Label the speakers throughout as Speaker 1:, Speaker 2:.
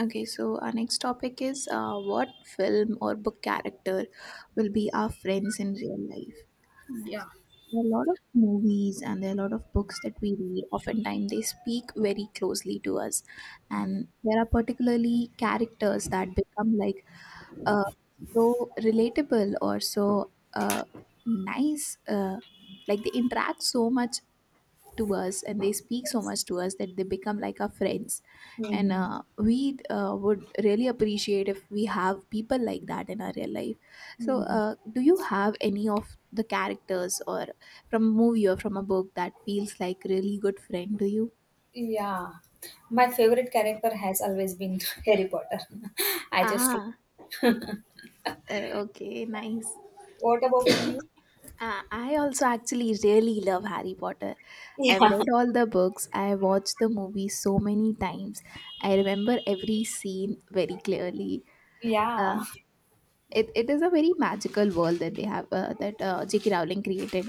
Speaker 1: Okay, so our next topic is what film or book character will be our friends in real life?
Speaker 2: Yeah.
Speaker 1: There are a lot of movies and there are a lot of books that we read. Oftentimes, they speak very closely to us, and there are particularly characters that become like uh, so relatable or so nice. Like they interact so much to us and they speak so much to us that they become like our friends, and
Speaker 2: Mhm.
Speaker 1: we would really appreciate if we have people like that in our real life. So
Speaker 2: Mhm.
Speaker 1: do you have any of the characters or from a movie or from a book that feels like really good friend to you?
Speaker 2: Yeah, my favorite character has always been Harry Potter. I just love.
Speaker 1: ah okay, nice.
Speaker 2: What about you?
Speaker 1: I also actually really love Harry Potter.
Speaker 2: Yeah,
Speaker 1: I've read all the books. I watched the movie so many times. I remember every scene very clearly.
Speaker 2: yeah,
Speaker 1: Uh, it is a very magical world that they have that J.K. Rowling created,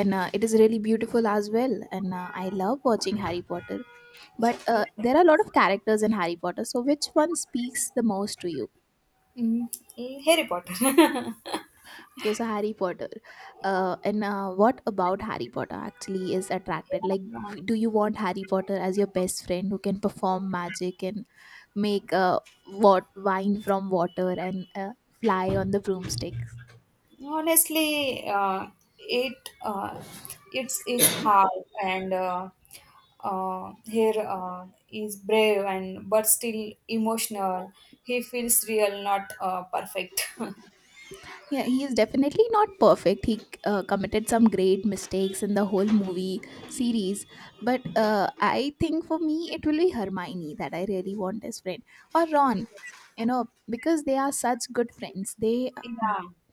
Speaker 1: and it is really beautiful as well. And I love watching Harry Potter, but
Speaker 2: yeah.
Speaker 1: there are a lot of characters in Harry Potter. So which one speaks the most to you?
Speaker 2: Mm, Harry Potter.
Speaker 1: Okay, so Harry Potter, and what about Harry Potter actually is attracted? Like,
Speaker 2: Yeah.
Speaker 1: do you want Harry Potter as your best friend who can perform magic and make what wine from water and fly on the broomsticks?
Speaker 2: Honestly, it uh, it's is hard and here is brave and but still emotional. He feels real, not perfect.
Speaker 1: Yeah, he is definitely not perfect. He committed some great mistakes in the whole movie series. But I think for me, it will be Hermione that I really want as friend, or
Speaker 2: Yeah,
Speaker 1: Ron. You know, because they are such good friends. They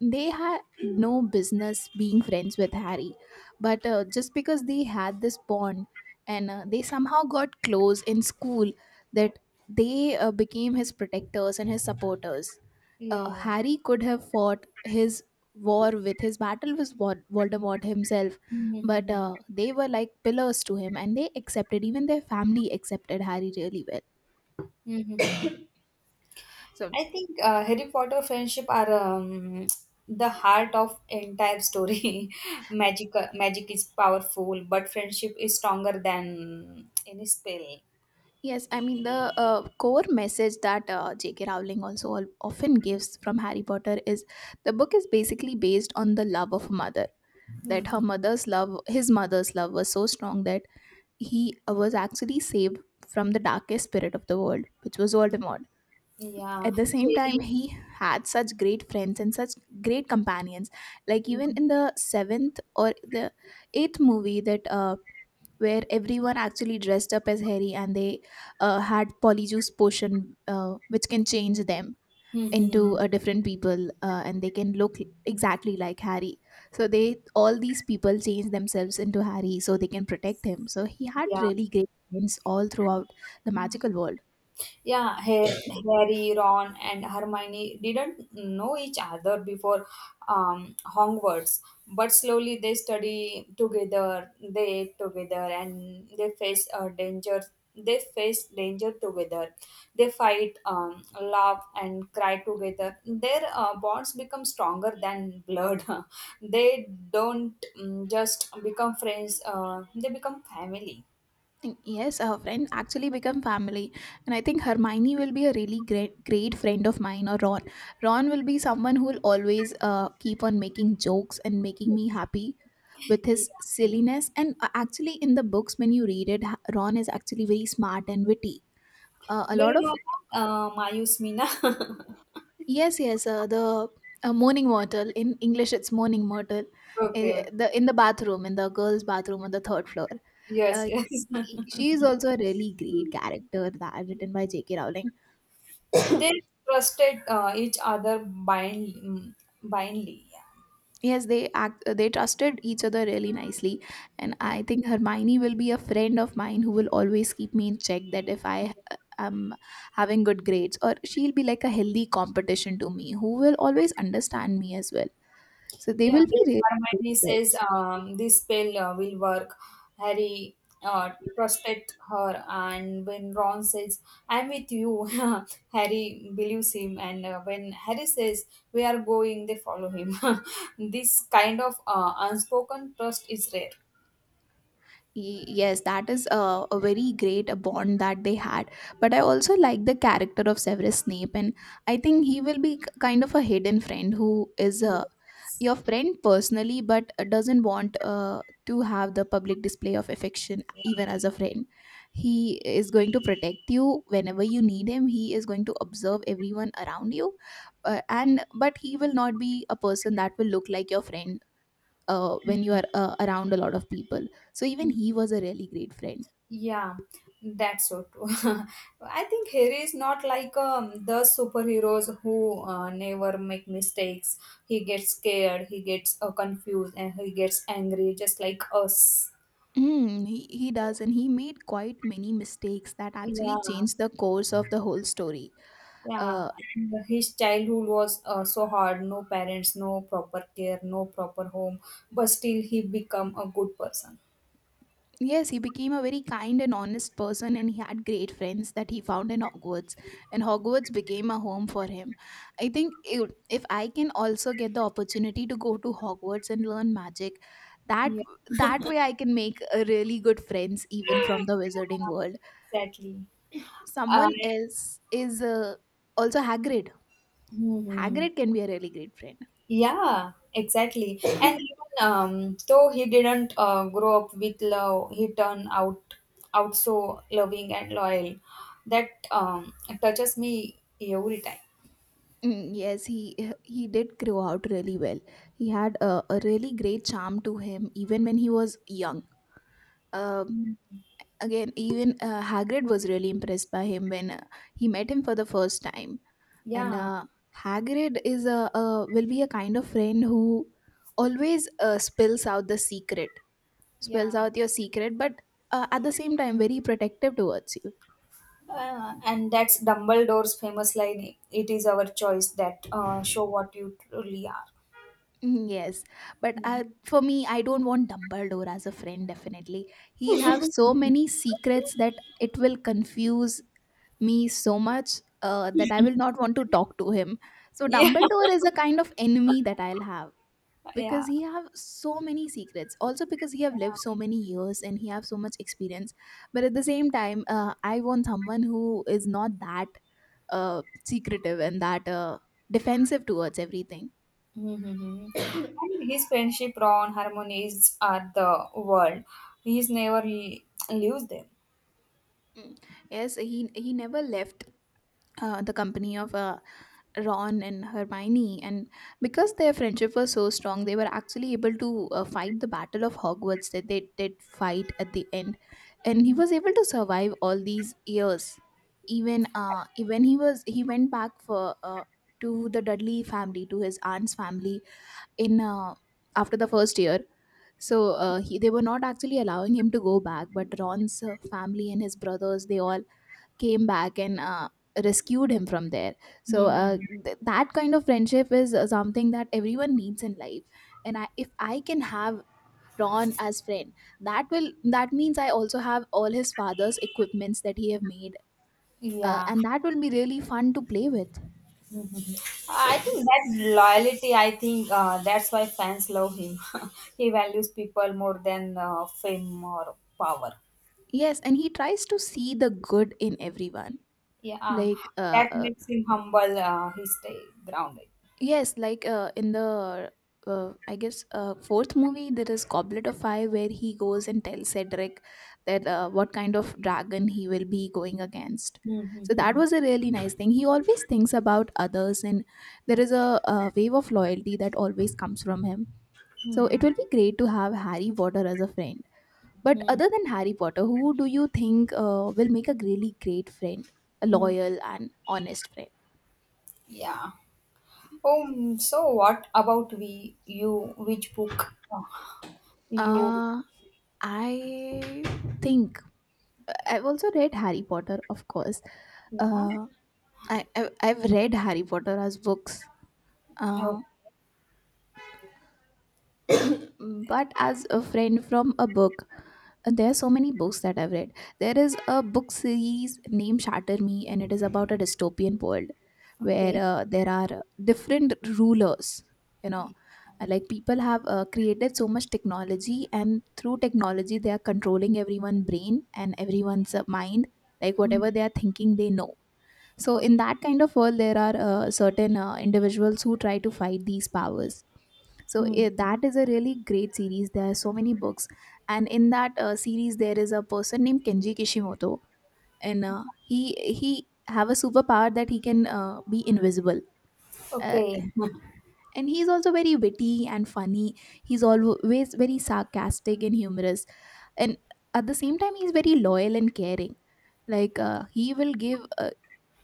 Speaker 1: had no business being friends with Harry, but just because they had this bond and they somehow got close in school, that they became his protectors and his supporters.
Speaker 2: yeah, yeah.
Speaker 1: Harry could have fought his war with his battle with Voldemort himself, but
Speaker 2: Hmm.
Speaker 1: they were like pillars to him, and they accepted. Even their family accepted Harry really well.
Speaker 2: Hmm.
Speaker 1: So
Speaker 2: I think Harry Potter friendship are the heart of entire story. Magic, magic is powerful, but friendship is stronger than any spell.
Speaker 1: yes, I mean the core message that J.K. Rowling often gives from Harry Potter is the book is basically based on the love of a mother. That her
Speaker 2: Hmm.
Speaker 1: mother's love, his mother's love, was so strong that he was actually saved from the darkest spirit of the world, which was Voldemort.
Speaker 2: Yeah,
Speaker 1: At the same
Speaker 2: Harry.
Speaker 1: time he had such great friends and such great companions, like even in
Speaker 2: Mhm.
Speaker 1: the seventh or the eighth movie that where everyone actually dressed up as Harry, and they had polyjuice potion which can change them into
Speaker 2: Mhm.
Speaker 1: a different people, and they can look exactly like Harry. So they, all these people change themselves into Harry so they can protect him, so he had
Speaker 2: Yeah.
Speaker 1: really great friends all throughout the magical world.
Speaker 2: Yeah, Harry, Ron, and Hermione didn't know each other before Hogwarts, but slowly they study together, they eat together, and they face danger. They face danger together. They fight, laugh, and cry together. Their bonds become stronger than blood. They don't just become friends. They become family.
Speaker 1: Yes, her friend actually become family, and I think Hermione will be a really great friend of mine. Or Ron, Ron will be someone who will always keep on making jokes and making me happy with
Speaker 2: Yeah.
Speaker 1: his silliness. And actually, in the books, when you read it, Ron is actually very smart and witty. A
Speaker 2: Do
Speaker 1: lot
Speaker 2: you
Speaker 1: of
Speaker 2: know Mayus Meena?
Speaker 1: yes, yes, the morning mortal in English, it's morning mortal.
Speaker 2: Okay. Okay.
Speaker 1: The in the bathroom, in the girls' bathroom on the third floor.
Speaker 2: Yes.
Speaker 1: Uh,
Speaker 2: Yes.
Speaker 1: she is also a really great character that written by J.K. Rowling.
Speaker 2: They trusted each other blindly. Blindly. Yeah.
Speaker 1: Yes they act they trusted each other really nicely, and I think Hermione will be a friend of mine who will always keep me in check, that if I uh, am having good grades, or she'll be like a healthy competition to me who will always understand me as well. So they
Speaker 2: Yeah.
Speaker 1: will be
Speaker 2: But
Speaker 1: really good
Speaker 2: Hermione says
Speaker 1: friends.
Speaker 2: this spell will work. Harry trusted her, and when Ron says, "I'm with you," Harry believes him, and when Harry says, "We are going," they follow him. This kind of unspoken trust is rare.
Speaker 1: Yes, that is a very great bond that they had, but I also like the character of Severus Snape, and I think he will be kind of a hidden friend who is a your friend personally, but doesn't want to have the public display of affection even as a friend. He is going to protect you whenever you need him, he is going to observe everyone around you, and but he will not be a person that will look like your friend when you are around a lot of people. So even he was a really great friend.
Speaker 2: Yeah, that's so true. I think Harry is not like the superheroes who never make mistakes. He gets scared, he gets confused, and he gets angry, just like us.
Speaker 1: He does, and he made quite many mistakes that actually
Speaker 2: Yeah,
Speaker 1: changed the course of the whole story.
Speaker 2: yeah.
Speaker 1: Uh,
Speaker 2: And his childhood was so hard. No parents, no proper care, no proper home. But still, he become a good person.
Speaker 1: yes, he became a very kind and honest person, and he had great friends that he found in Hogwarts, and Hogwarts became a home for him. I think if I can also get the opportunity to go to Hogwarts and learn magic, that
Speaker 2: Yeah,
Speaker 1: that way I can make a really good friends even from the wizarding world.
Speaker 2: exactly. Uh,
Speaker 1: Someone else is also Hagrid.
Speaker 2: mhm.
Speaker 1: Hagrid can be a really great friend.
Speaker 2: Yeah, exactly. And even though he didn't grow up with love, he turned out so loving and loyal. That touches me every time.
Speaker 1: Mm, yes, he did grow out really well. He had a really great charm to him, even when he was young. Um
Speaker 2: Mm.
Speaker 1: Again, even Hagrid was really impressed by him when he met him for the first time. And
Speaker 2: Yeah,
Speaker 1: Hagrid is a will be a kind of friend who always spills
Speaker 2: yeah.
Speaker 1: out your secret, but at the same time very protective towards you.
Speaker 2: And that's Dumbledore's famous line, it is our choice that show what you truly are.
Speaker 1: Mm, yes, but
Speaker 2: Mm.
Speaker 1: for me, I don't want Dumbledore as a friend, definitely. He'll have so many secrets that it will confuse me so much that I will not want to talk to him. So
Speaker 2: Yeah,
Speaker 1: Dumbledore is a kind of enemy that I'll have, because
Speaker 2: yeah.
Speaker 1: he have so many secrets. Also because he have lived so many years and he have so much experience. But at the same time, I want someone who is not that secretive and that defensive towards everything.
Speaker 2: Hmm. And his friendship, Ron, harmonies are the world. He's never leaves them.
Speaker 1: Mm. Yes, he never left the company of Ron and Hermione, and because their friendship was so strong, they were actually able to fight the Battle of Hogwarts that they did fight at the end, and he was able to survive all these years. Even when he went back for to the Dudley family, to his aunt's family in after the first year, so they were not actually allowing him to go back, but Ron's family and his brothers, they all came back and rescued him from there. So
Speaker 2: Hmm.
Speaker 1: that kind of friendship is something that everyone needs in life, and I if I can have Ron as friend, that means I also have all his father's equipments that he have made,
Speaker 2: Yeah.
Speaker 1: and that will be really fun to play with.
Speaker 2: Hmm. I think that loyalty, I think that's why fans love him. He values people more than fame or power.
Speaker 1: Yes, and he tries to see the good in everyone,
Speaker 2: Yeah.
Speaker 1: like
Speaker 2: That makes him humble. He stay grounded.
Speaker 1: yes, like in the I guess fourth movie there is Goblet of Fire where he goes and tells Cedric that what kind of dragon he will be going against. So that
Speaker 2: Mm-hmm.
Speaker 1: was a really nice thing. He always thinks about others, and there is a wave of loyalty that always comes from him. So it
Speaker 2: Mm-hmm.
Speaker 1: will be great to have Harry Potter as a friend. But other than Harry Potter, who do you think will make a really great friend, a
Speaker 2: Hmm.
Speaker 1: loyal and honest friend?
Speaker 2: Yeah. So what about you, which book you,
Speaker 1: Uh, I think I've also read Harry Potter, of course.
Speaker 2: yeah.
Speaker 1: Uh, I've read Harry Potter as books, uh, but as a friend from a book. And there are so many books that I've read. There is a book series named Shatter Me, and it is about a dystopian world where
Speaker 2: Okay.
Speaker 1: there are different rulers. You know,
Speaker 2: Okay.
Speaker 1: like people have created so much technology, and through technology, they are controlling everyone's brain and everyone's mind. Like
Speaker 2: Mm.
Speaker 1: whatever they are thinking, they know. So, in
Speaker 2: Okay.
Speaker 1: that kind of world, there are certain individuals who try to fight these powers. So,
Speaker 2: Mm,
Speaker 1: that is a really great series. There are so many books. And in that series, there is a person named Kenji Kishimoto. And he have a superpower that he can be invisible. Uh,
Speaker 2: okay.
Speaker 1: and he's also very witty and funny. He's always very sarcastic and humorous. And at the same time, he's very loyal and caring, like he will give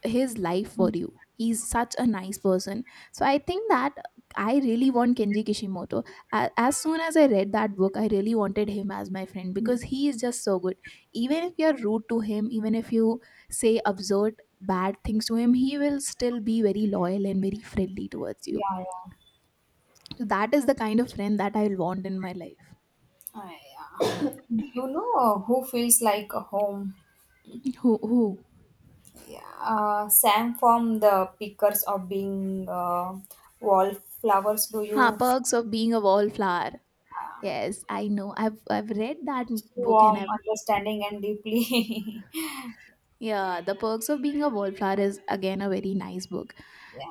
Speaker 1: his life for you. He's such a nice person. So I think that I really want Kenji Kishimoto. As soon as I read that book, I really wanted him as my friend
Speaker 2: Mm.
Speaker 1: because he is just so good. Even if you're rude to him, even if you say absurd bad things to him, he will still be very loyal and very friendly towards
Speaker 2: Yeah,
Speaker 1: you.
Speaker 2: yeah.
Speaker 1: So that is the kind of friend that I want in my life.
Speaker 2: I, uh, You know who feels like a home?
Speaker 1: Who who?
Speaker 2: Yeah, Sam from the Pickers of Being Wallflowers. Do
Speaker 1: Ah,
Speaker 2: you feel
Speaker 1: perks of being a wallflower. Yes, I know. I've read that book and
Speaker 2: warm,
Speaker 1: I've...
Speaker 2: understanding, and deeply?
Speaker 1: Yeah, The Perks of Being a Wallflower is again a very nice book.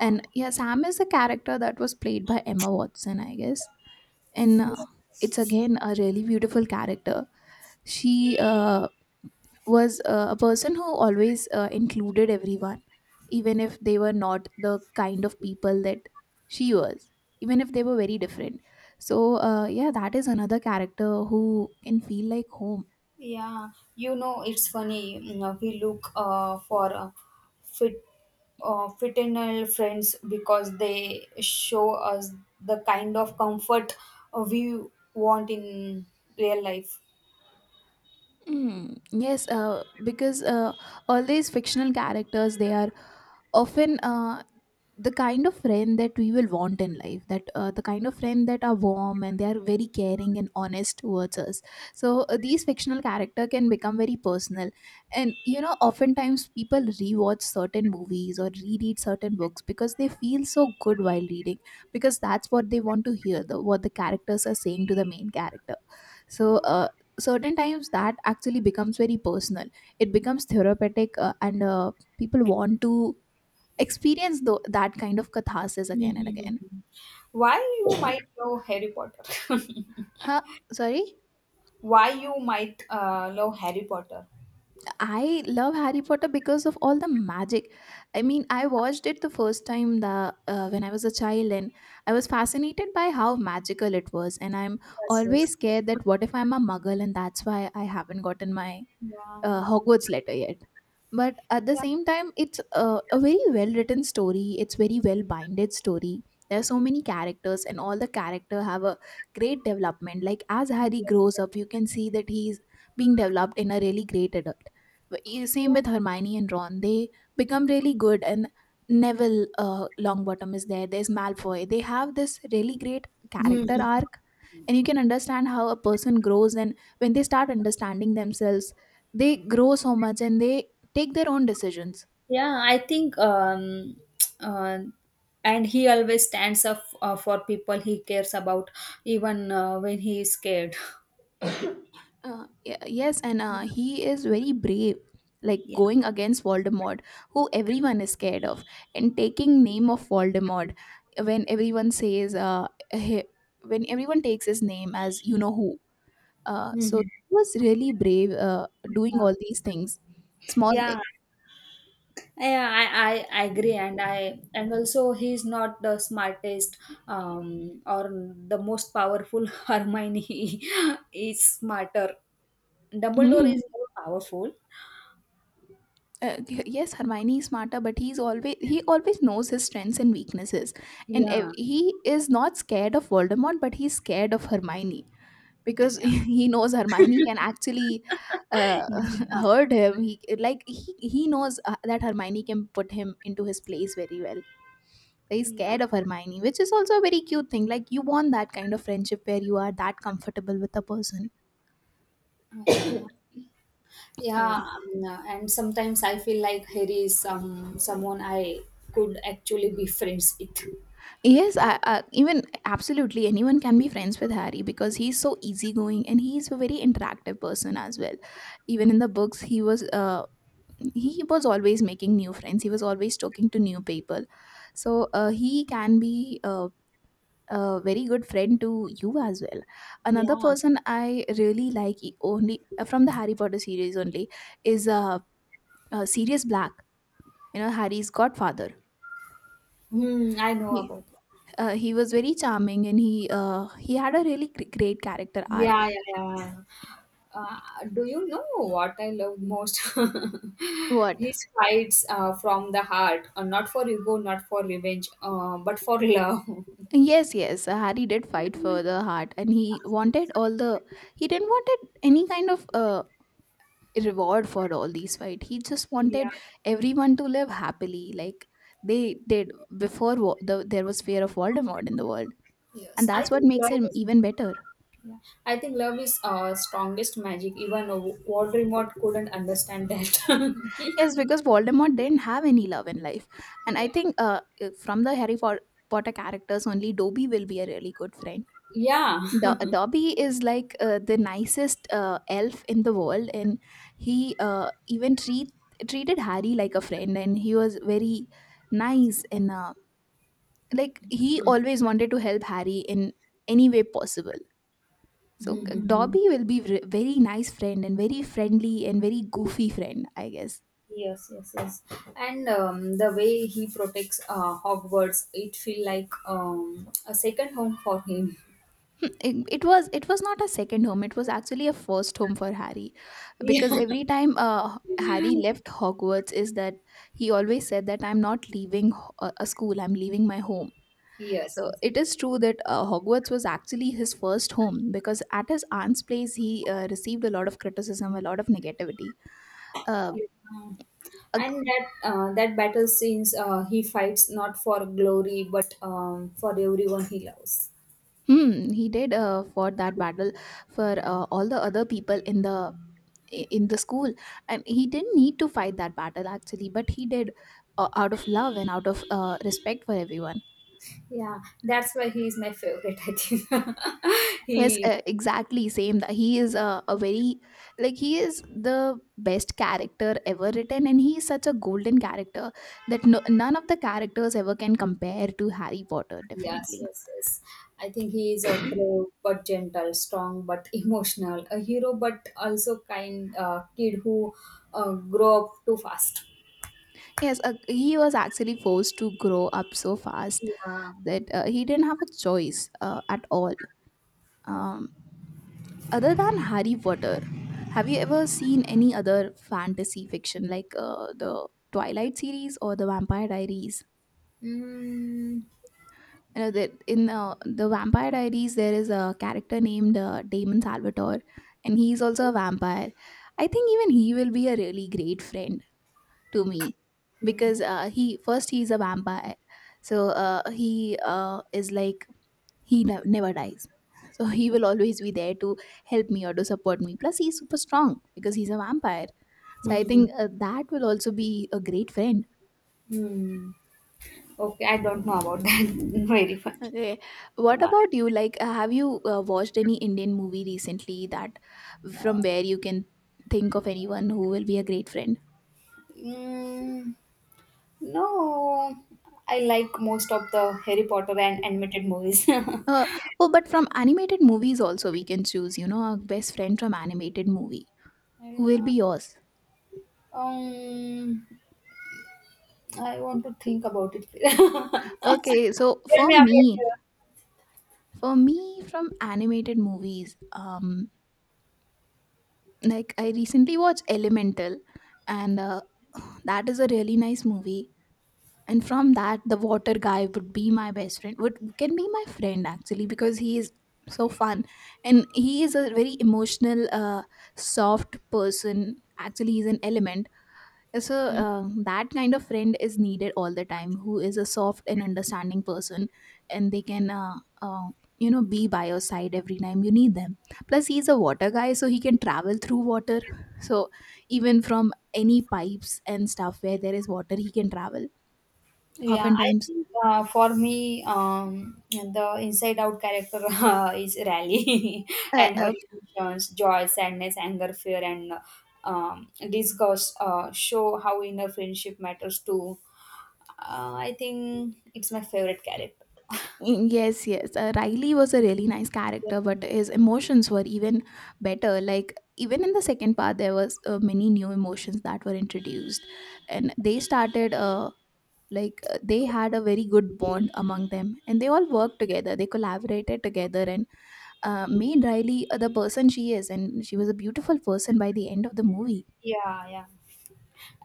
Speaker 1: And yeah, Sam is a character that was played by Emma Watson, I guess. And it's again a really beautiful character. She was a person who always included everyone, even if they were not the kind of people that she was, even if they were very different. So, yeah, that is another character who can feel like home.
Speaker 2: Yeah, you know, it's funny. You know, we look for fit, fraternal friends because they show us the kind of comfort we want in real life.
Speaker 1: Yes, because all these fictional characters, they are often the kind of friend that we will want in life. That the kind of friend that are warm and they are very caring and honest towards us. So these fictional character can become very personal, and you know, oftentimes people rewatch certain movies or reread certain books because they feel so good while reading, because that's what they want to hear. The what the characters are saying to the main character so uh, Certain times that actually becomes very personal. It becomes therapeutic and people want to experience that kind of catharsis again and
Speaker 2: Mhm.
Speaker 1: again.
Speaker 2: Why you might love Harry Potter?
Speaker 1: Huh? Sorry.
Speaker 2: Why you might love Harry Potter?
Speaker 1: I love Harry Potter because of all the magic. I mean, I watched it the first time the when I was a child, and I was fascinated by how magical it was, and I'm
Speaker 2: Yes, yes.
Speaker 1: always scared that what if I'm a muggle, and that's why I haven't gotten my
Speaker 2: Yeah.
Speaker 1: Hogwarts letter yet. But at the
Speaker 2: Yeah.
Speaker 1: same time, it's a very well written story. It's very well binded story. There are so many characters, and all the character have a great development. Like as Harry
Speaker 2: Yes.
Speaker 1: grows up, you can see that he's being developed in a really great adult. But you- Same with
Speaker 2: Yes.
Speaker 1: Hermione and Ron. They become really good, and Neville Longbottom is there. There's Malfoy. They have this really great
Speaker 2: Yeah.
Speaker 1: character
Speaker 2: Mhm.
Speaker 1: arc, and you can understand how a person grows, and when they start understanding themselves, they grow so much and they take their own decisions.
Speaker 2: Yeah, I think, uh, and he always stands up for people he cares about, even when he is scared.
Speaker 1: Yes, and
Speaker 2: Yeah.
Speaker 1: uh, he is very brave, like
Speaker 2: Yeah.
Speaker 1: going against Voldemort, who everyone is scared of, and taking name of Voldemort when everyone he- when everyone takes his name as you know who. So
Speaker 2: Mhm.
Speaker 1: he was really brave doing
Speaker 2: Yeah.
Speaker 1: all these things small
Speaker 2: Yeah. Yeah, I agree, and also he's not the smartest or the most powerful. Hermione is smarter. Dumbledore
Speaker 1: things
Speaker 2: is more powerful.
Speaker 1: Yes, Hermione is smarter, but he always knows his strengths and weaknesses, and
Speaker 2: Yeah,
Speaker 1: ev- he is not scared of Voldemort, but he's scared of Hermione because
Speaker 2: yeah,
Speaker 1: he knows Hermione can actually uh,
Speaker 2: yeah,
Speaker 1: hurt him. He like he knows that Hermione can put him into his place very well. So he's
Speaker 2: yeah.
Speaker 1: scared of Hermione, which is also a very cute thing, like you want that kind of friendship where you are that comfortable with a person.
Speaker 2: Yeah. Yeah,
Speaker 1: Sorry.
Speaker 2: and sometimes I feel like Harry is someone I could actually be friends with.
Speaker 1: Yes, I, even absolutely anyone can be friends with Harry because he's so easygoing and he's a very interactive person as well. Even in the books, he was always making new friends. He was always talking to new people, so he can be a very good friend to you as well. Another
Speaker 2: Yeah.
Speaker 1: person I really like only from the Harry Potter series only is Sirius Black. You know, Harry's godfather.
Speaker 2: Hmm, I know about.
Speaker 1: He was very charming, and he had a really great character arc.
Speaker 2: Yeah, yeah, yeah. Uh, do you know what I love most?
Speaker 1: What?
Speaker 2: His fights from the heart, not for ego, not for revenge, but for love.
Speaker 1: Yes, yes, Harry did fight for the heart, and he wanted all the... he didn't wanted any kind of reward for all these fight. He just
Speaker 2: Yeah,
Speaker 1: wanted everyone to live happily, like they did before there was fear of Voldemort in the world, and
Speaker 2: yes. I
Speaker 1: that's what
Speaker 2: think
Speaker 1: makes
Speaker 2: love
Speaker 1: him
Speaker 2: is.
Speaker 1: even better.
Speaker 2: Yeah. I think love is strongest magic. Even Voldemort couldn't understand that.
Speaker 1: Yes, because Voldemort didn't have any love in life, and I
Speaker 2: Yeah.
Speaker 1: think from the Potter characters only Dobby will be a really good friend.
Speaker 2: Yeah.
Speaker 1: Dobby is like the nicest elf in the world, and he even treated Harry like a friend, and he was very nice, and like he always wanted to help Harry in any way possible. So
Speaker 2: Mhm.
Speaker 1: Dobby will be very nice friend, and very friendly and very goofy friend, I guess.
Speaker 2: Yes, yes, yes. And the way he protects Hogwarts, it feel like a second home for him.
Speaker 1: It was, it was not a second home, it was actually a first home for Harry,
Speaker 2: Yeah.
Speaker 1: because every time Harry left Hogwarts, is that he always said that I'm not leaving a school, I'm leaving my home.
Speaker 2: Yes,
Speaker 1: So
Speaker 2: yes. Yes.
Speaker 1: it is true that Hogwarts was actually his first home, because at his aunt's place he received a lot of criticism, a lot of negativity. uh,
Speaker 2: You- Yeah.
Speaker 1: ag-
Speaker 2: And that that battle scenes, he fights not for glory but for everyone he loves.
Speaker 1: he did fought that battle for all the other people in in the school, and he didn't need to fight that battle actually, but he did, out of love and out of respect for everyone.
Speaker 2: Yeah, that's why he is my favorite. I think
Speaker 1: Yes,
Speaker 2: he
Speaker 1: exactly same that he is a very... like he is the best character ever written, and he is such a golden character that none of the characters ever can compare to Harry Potter
Speaker 2: yes,
Speaker 1: definitely.
Speaker 2: yes, yes. I think he is a brave but gentle, strong but emotional, a hero but also kind kid who grow up too fast.
Speaker 1: Yes, he was actually forced to grow up so fast
Speaker 2: Yeah.
Speaker 1: that he didn't have a choice at all. um, Other than Harry Potter, have you ever seen any other fantasy fiction like the Twilight series or the Vampire Diaries?
Speaker 2: Mm.
Speaker 1: You know that in the Vampire Diaries there is a character named Damon Salvatore, and he's also a vampire. I think even he will be a really great friend to me, because he first he's a vampire, so he is like he never dies, so he will always be there to help me or to support me, plus he's super strong because he's a vampire. So I
Speaker 2: Mm.
Speaker 1: think that will also be a great friend.
Speaker 2: Mm. Okay, I don't know about that. Very fun.
Speaker 1: Okay, what about you, like have you watched any Indian movie recently that from where you can think of anyone who will be a great friend?
Speaker 2: Mm, no, I like most of the Harry Potter and animated movies.
Speaker 1: uh, oh, but from animated movies also we can choose, you know, a best friend from animated movie who will
Speaker 2: Uh,
Speaker 1: be yours.
Speaker 2: um, I want to think about it.
Speaker 1: okay so
Speaker 2: Tell
Speaker 1: for
Speaker 2: me about
Speaker 1: me for me, from animated movies, like I recently watched Elemental, and that is a really nice movie, and from that, the water guy would be my best friend, would can be my friend actually, because he is so fun, and he is a very emotional, soft person. Actually he's an element. So
Speaker 2: you.
Speaker 1: that kind of friend is needed all the time, who is a soft and understanding person, and they can uh, you know, be by your side every time you need them. Plus he's a water guy, so he can travel through water, so even from any pipes and stuff where there is water he can travel.
Speaker 2: Yeah, I
Speaker 1: Oftentimes
Speaker 2: think for me, the inside out character is Rally
Speaker 1: uh,
Speaker 2: and
Speaker 1: uh,
Speaker 2: her emotions, joy, sadness, anger, fear, and disgust show how inner friendship matters too. I think it's my favorite character.
Speaker 1: Yes, yes. Riley was a really nice
Speaker 2: Yeah,
Speaker 1: character, but his emotions were even better. Like even in the second part, there was many new emotions that were introduced, and they started. Like they had a very good bond among them, and they all worked together. They collaborated together, and made Riley the person she is, and she was a beautiful person by the end of the movie.
Speaker 2: yeah. Yeah.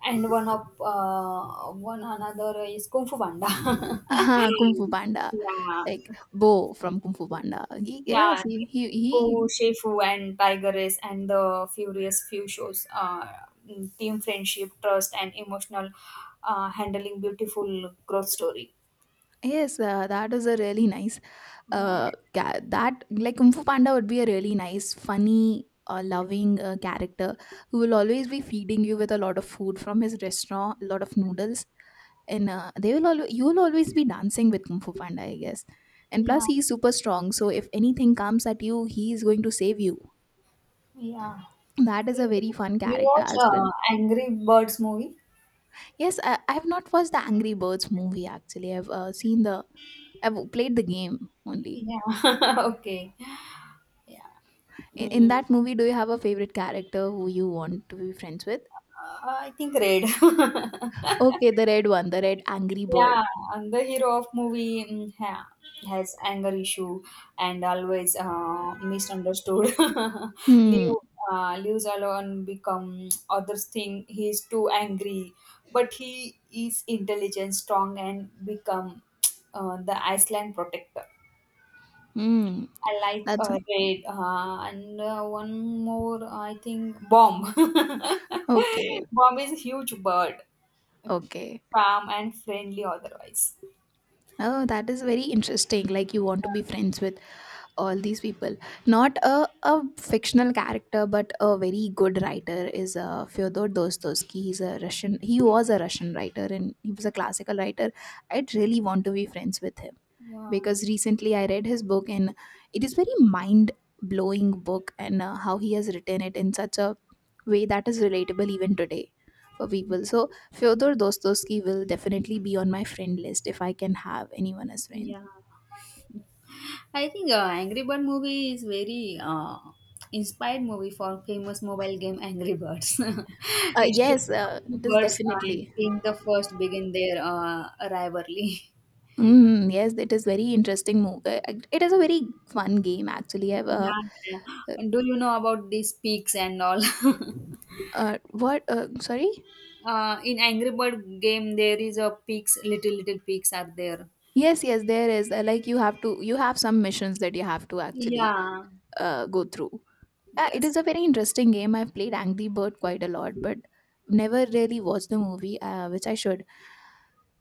Speaker 2: And one of one another is Kung Fu Panda.
Speaker 1: Kung Fu Panda,
Speaker 2: Yeah.
Speaker 1: like Bo from Kung Fu Panda. He,
Speaker 2: Yeah,
Speaker 1: yes,
Speaker 2: and
Speaker 1: he...
Speaker 2: Po, Shefu, and Tigress, and the Furious Few shows. Team friendship, trust, and emotional handling. Beautiful growth story.
Speaker 1: Yes, that is a really nice
Speaker 2: Yeah,
Speaker 1: that, like Kung Fu Panda would be a really nice funny, loving character who will always be feeding you with a lot of food from his restaurant, a lot of noodles, and they will always you will always be dancing with Kung Fu Panda, I guess. And
Speaker 2: yeah,
Speaker 1: plus he's super strong, so if anything comes at you, he is going to save you.
Speaker 2: yeah.
Speaker 1: That is a very
Speaker 2: You
Speaker 1: fun
Speaker 2: you
Speaker 1: character
Speaker 2: watch
Speaker 1: as well.
Speaker 2: Angry Birds movie?
Speaker 1: Yes, I have not watched the Angry Birds movie actually. I've seen the... I've played the game only.
Speaker 2: Yeah. Okay. Yeah.
Speaker 1: In
Speaker 2: Mm,
Speaker 1: that movie, do you have a favorite character who you want to be friends with?
Speaker 2: I think red.
Speaker 1: Okay, the red one, the red angry bird.
Speaker 2: Yeah, and the hero of movie has anger issue and always misunderstood.
Speaker 1: Hmm.
Speaker 2: Leave Leaves alone become others think he's too angry, but he is intelligent, strong, and become the Iceland protector.
Speaker 1: Hmm.
Speaker 2: I like
Speaker 1: That's
Speaker 2: Red and one more I think Bomb.
Speaker 1: okay.
Speaker 2: Bomb is a huge bird,
Speaker 1: Okay.
Speaker 2: calm and friendly otherwise.
Speaker 1: Oh, that is very interesting. Like you want to be friends with all these people. Not a fictional character, but a very good writer is Fyodor Dostoevsky. He's a Russian. He was a Russian writer, and he was a classical writer. I'd really want to be friends with him,
Speaker 2: Yeah.
Speaker 1: because recently I read his book, and it is very mind blowing book, and how he has written it in such a way that is relatable even today for people. So Fyodor Dostoevsky will definitely be on my friend list if I can have anyone as friends.
Speaker 2: Yeah. I think Angry Bird movie is very inspired movie for famous mobile game Angry Birds. It shows
Speaker 1: Yes,
Speaker 2: how two
Speaker 1: it is
Speaker 2: birds and
Speaker 1: definitely.
Speaker 2: being the first begin their rivalry.
Speaker 1: Mm, yes, it is very interesting move. It is a very fun game actually. I've
Speaker 2: Yeah. Yeah.
Speaker 1: uh,
Speaker 2: Do you know about these peaks and all?
Speaker 1: what Sorry.
Speaker 2: Uh, in Angry Bird game, there is a peaks. Little little peaks are there.
Speaker 1: Yes, yes, there is, like you have to you have some missions that you have to actually
Speaker 2: Yeah.
Speaker 1: go through. Yeah, it
Speaker 2: Yes.
Speaker 1: is a very interesting game. I've played Angry Bird quite a lot, but never really watched the movie, which I should.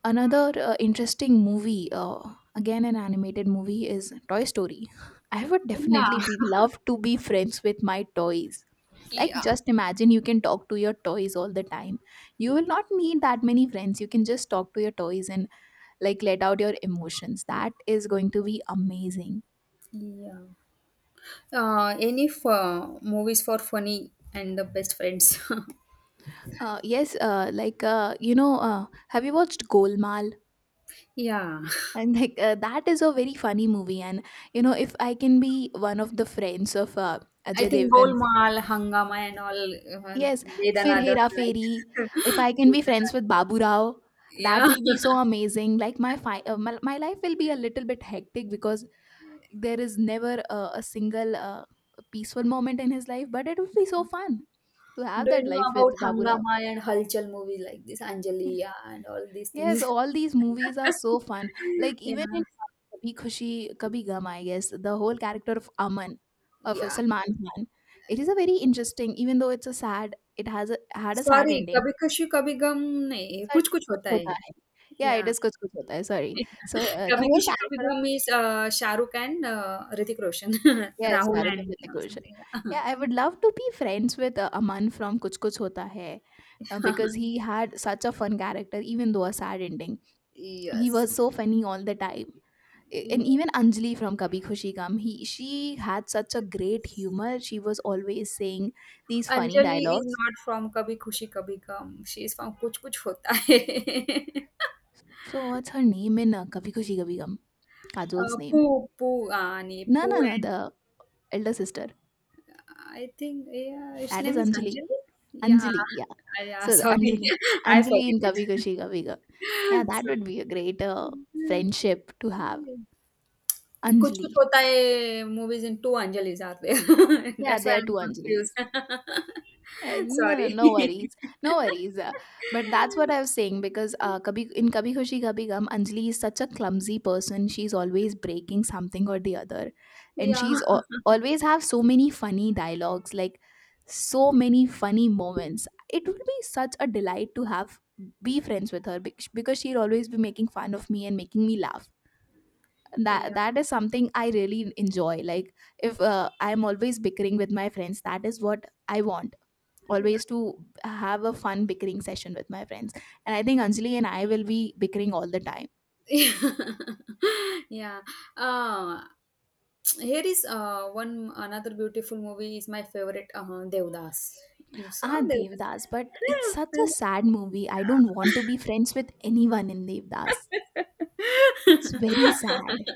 Speaker 1: Another interesting movie, again an animated movie, is Toy Story. I would
Speaker 2: Yeah.
Speaker 1: definitely be love to be friends with my toys. Like,
Speaker 2: Yeah.
Speaker 1: just imagine you can talk to your toys all the time. You will not need that many friends. You can just talk to your toys and like let out your emotions. That is going to be amazing.
Speaker 2: Yeah. Any for movies for funny and the best friends.
Speaker 1: Have you watched Golmaal?
Speaker 2: Yeah,
Speaker 1: And like, that is a very funny movie. And if I can be one of the friends of
Speaker 2: I
Speaker 1: Ajay
Speaker 2: think
Speaker 1: Devgan,
Speaker 2: Golmaal, Hangama, and all.
Speaker 1: yes, fir
Speaker 2: Dedanadar,
Speaker 1: Hera
Speaker 2: like
Speaker 1: Fairy. If I can be friends with
Speaker 2: Dedanadar.
Speaker 1: Babu Rao, that
Speaker 2: Yeah.
Speaker 1: will be so amazing. Like my, my life will be a little bit hectic because there is never a single peaceful moment in his life, but it would be so fun to have
Speaker 2: Do you
Speaker 1: that
Speaker 2: know
Speaker 1: life
Speaker 2: about
Speaker 1: with Babu Rao.
Speaker 2: Hangama and Halchal movies like this, Anjaliya and all these
Speaker 1: Yes,
Speaker 2: things?
Speaker 1: all these movies are so fun. Like
Speaker 2: Yeah,
Speaker 1: even in Kabhi Khushi Kabhi Gham, I guess the whole character of Aman, of
Speaker 2: yeah.
Speaker 1: Salman Khan, it is a very interesting. Even though it's a sad, it has a, had a sad
Speaker 2: Sorry,
Speaker 1: ending.
Speaker 2: कभी खुशी कभी गम नहीं
Speaker 1: Sorry,
Speaker 2: कुछ कुछ
Speaker 1: kuch
Speaker 2: होता है.
Speaker 1: hota hai. Yeah, it
Speaker 2: Yeah.
Speaker 1: is kuch kuch hota hai. Sorry. So the
Speaker 2: कभी
Speaker 1: whole
Speaker 2: किसी कभी
Speaker 1: character of,
Speaker 2: Gham is a, Shahrukh and a, Hrithik Roshan.
Speaker 1: yes, Shah
Speaker 2: Rahul
Speaker 1: Rukh and
Speaker 2: and
Speaker 1: Hrithik Roshan. Yeah,
Speaker 2: something.
Speaker 1: I would love to be friends with Aman from Kuch Kuch Hota Hai, because he had such a fun character, even though a sad ending. He
Speaker 2: Yes.
Speaker 1: was so funny all the time. And
Speaker 2: Yes.
Speaker 1: even Anjali from Kabhi Khushi Gum, he she had such a great humor. She was always saying these funny
Speaker 2: Anjali is
Speaker 1: dialogues.
Speaker 2: not from Kabhi Khushi Kabhi Gum. She is from Kuch Kuch Hota Hai.
Speaker 1: So what's her name in Kabhi Khushi Kabhi Gum? Kajol's name?
Speaker 2: Poo, Poo, Ani,
Speaker 1: No,
Speaker 2: Poo
Speaker 1: no, no.
Speaker 2: and
Speaker 1: The elder sister.
Speaker 2: I think, yeah, his
Speaker 1: That is
Speaker 2: name is
Speaker 1: Anjali.
Speaker 2: Anjali. Yeah,
Speaker 1: Anjali, yeah.
Speaker 2: yeah,
Speaker 1: So the
Speaker 2: sorry.
Speaker 1: Anjali,
Speaker 2: I
Speaker 1: Anjali
Speaker 2: forget
Speaker 1: in Kabhi
Speaker 2: it.
Speaker 1: Khushi Kabhi Gum. Yeah, that would be a great friendship to have.
Speaker 2: So, 'Kuch
Speaker 1: Anjali.
Speaker 2: Kuch Hota Hai' movies in two Anjalis, are there?
Speaker 1: Yeah,
Speaker 2: That's why
Speaker 1: there are two
Speaker 2: I'm confused.
Speaker 1: Anjalis. No, no,
Speaker 2: Sorry.
Speaker 1: no worries, no worries. But that's what I was saying because Kabhi, in Kabhi Khushi Kabhi Gum, Anjali is such a clumsy person. She's always breaking something or the other, and
Speaker 2: Yeah.
Speaker 1: always have so many funny dialogues, like so many funny moments. It would be such a delight to have be friends with her because she'll always be making fun of me and making me laugh.
Speaker 2: Yeah.
Speaker 1: That is something I really enjoy. Like if I'm always bickering with my friends, that is what I want,
Speaker 2: Yeah.
Speaker 1: always to have a fun bickering session with my friends. And I think Anjali and I will be bickering all the time.
Speaker 2: Yeah. Uh, here is one another beautiful movie is my favorite, uh, Devdas. You saw
Speaker 1: Ah,
Speaker 2: Devdas?
Speaker 1: Devdas, but it's such a sad
Speaker 2: Yeah.
Speaker 1: movie. I don't want to be friends with anyone in Devdas. It's very sad.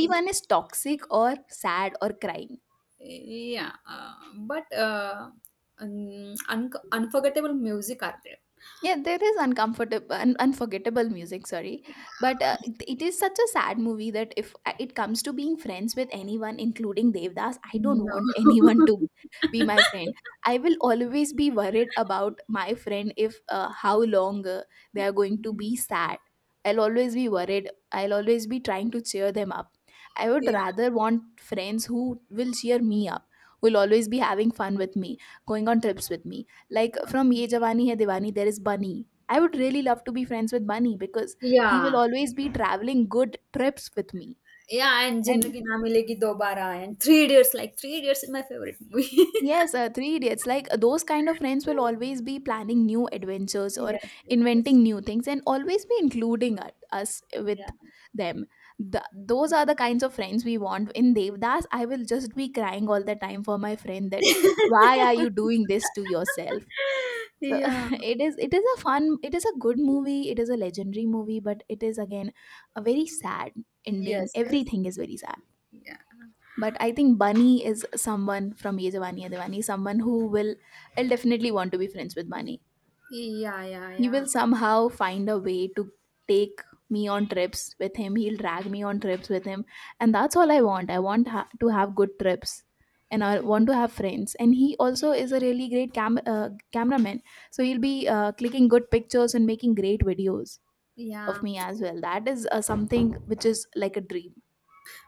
Speaker 2: Yeah.
Speaker 1: is toxic or sad or crying.
Speaker 2: Yeah, but un un unforgettable music are there.
Speaker 1: Yeah, there is uncomfortable, unforgettable music. Sorry, but it is such a sad movie that if it comes to being friends with anyone, including Devdas, I don't
Speaker 2: No.
Speaker 1: want anyone to be my friend. I will always be worried about my friend if how long they are going to be sad. I'll always be worried. I'll always be trying to cheer them up. I would
Speaker 2: Yeah.
Speaker 1: rather want friends who will cheer me up, will always be having fun with me, going on trips with me, like from Ye Jawani Hai Diwani, there is Bunny. I would really love to be friends with Bunny because he will
Speaker 2: Yeah.
Speaker 1: always be traveling good trips with me.
Speaker 2: Yeah, and Zindagi
Speaker 1: And
Speaker 2: Na Milegi Dobara and Three Idiots, like Three Idiots is my favorite movie.
Speaker 1: yes, Three Idiots, like those kind of friends will always be planning new adventures or
Speaker 2: Yes, yes, yes.
Speaker 1: inventing new things and always be including us with
Speaker 2: Yeah.
Speaker 1: them. Those are the kinds of friends we want. In Devdas, I will just be crying all the time for my friend that why are you doing this to yourself? So
Speaker 2: Yeah.
Speaker 1: it is a fun, it is a good movie, it is a legendary movie, but it is again a very sad ending,
Speaker 2: Yes, yes.
Speaker 1: everything is very sad.
Speaker 2: Yeah.
Speaker 1: But I think Bunny is someone from Ye Jawani Hai Diwani, someone who will, I'll definitely want to be friends with Bunny.
Speaker 2: Yeah, yeah,
Speaker 1: He
Speaker 2: yeah.
Speaker 1: will somehow find a way to take me on trips with him, he'll drag me on trips with him, and that's all I want. I want to have good trips, and I want to have friends, and he also is a really great cameraman. So he'll be clicking good pictures and making great videos of
Speaker 2: Yeah.
Speaker 1: me as well. That is something which is like a dream.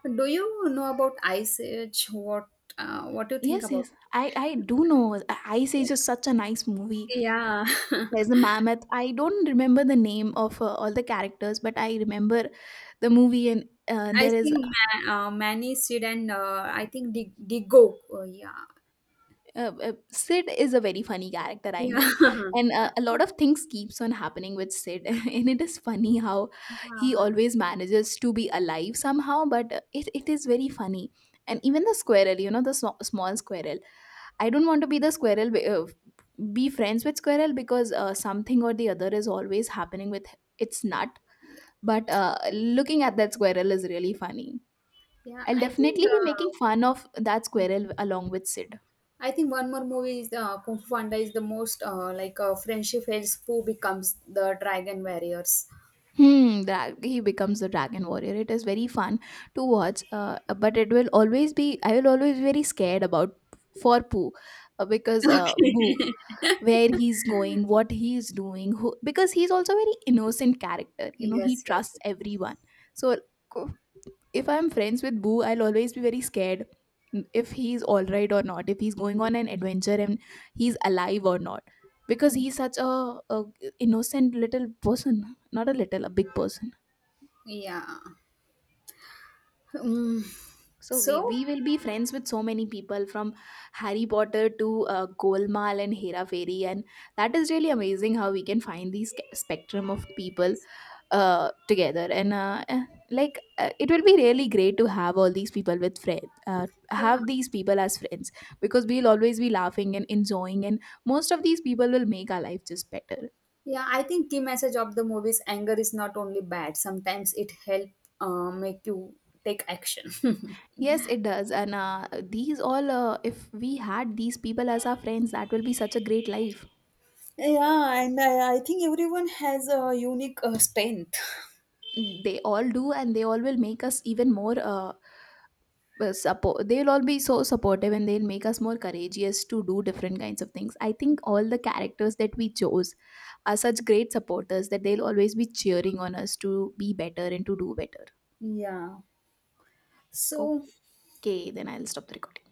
Speaker 2: Do you know about Ice Age? What do you think
Speaker 1: Yes,
Speaker 2: about
Speaker 1: yes, I do know. Ice Age
Speaker 2: it?
Speaker 1: is such a nice movie.
Speaker 2: Yeah. Yeah.
Speaker 1: There's a mammoth. I don't remember the name of all the characters, but I remember the movie, and
Speaker 2: I
Speaker 1: there is
Speaker 2: think Manny, Sid, and I think Digo. Oh, yeah.
Speaker 1: Sid is a very funny character, I
Speaker 2: Yeah.
Speaker 1: know. And a lot of things keeps on happening with Sid
Speaker 2: Yeah.
Speaker 1: and it is funny how he
Speaker 2: Uh,
Speaker 1: always manages to be alive somehow. But it is very funny. And even the squirrel, you know, the small squirrel. I don't want to be the squirrel be friends with squirrel because something or the other is always happening with its nut.
Speaker 2: yeah.
Speaker 1: But looking at that squirrel is really funny.
Speaker 2: Yeah.
Speaker 1: I'll
Speaker 2: I think.
Speaker 1: definitely be making fun of that squirrel along with Sid.
Speaker 2: I think one more movie is Kung Fu Panda is the most friendship fails who becomes the dragon warriors.
Speaker 1: Hmm, that he becomes the dragon warrior. It is very fun to watch, but it will always be. I will always be very scared about for Pooh, because
Speaker 2: Okay.
Speaker 1: Boo, where he's going, what he's doing, who, because he's also a very innocent character. You know, he
Speaker 2: Yes. Yes.
Speaker 1: trusts everyone. So if I'm friends with Boo, I'll always be very scared if he's all right or not, if he's going on an adventure and he's alive or not, because he's such a innocent little person, not a little, a big person.
Speaker 2: Yeah. Mm,
Speaker 1: So
Speaker 2: so.
Speaker 1: we will be friends with so many people from Harry Potter to Golmaal and Hera Fairy, and that is really amazing how we can find these spectrum of people together and it will be really great to have all these people with friends,
Speaker 2: Yeah.
Speaker 1: have these people as friends, because we'll always be laughing and enjoying, and most of these people will make our life just better.
Speaker 2: Yeah, I think key message of the movie is anger is not only bad. Sometimes it help make you take action.
Speaker 1: Yes, it does, and these all, if we had these people as our friends, that will be such a great life.
Speaker 2: Yeah, and I think everyone has a unique strength.
Speaker 1: They all do, and they all will make us even more support, they'll all be so supportive, and they'll make us more courageous to do different kinds of things. I think all the characters that we chose are such great supporters that they'll always be cheering on us to be better and to do better.
Speaker 2: Yeah. So
Speaker 1: Okay, then I'll stop the recording.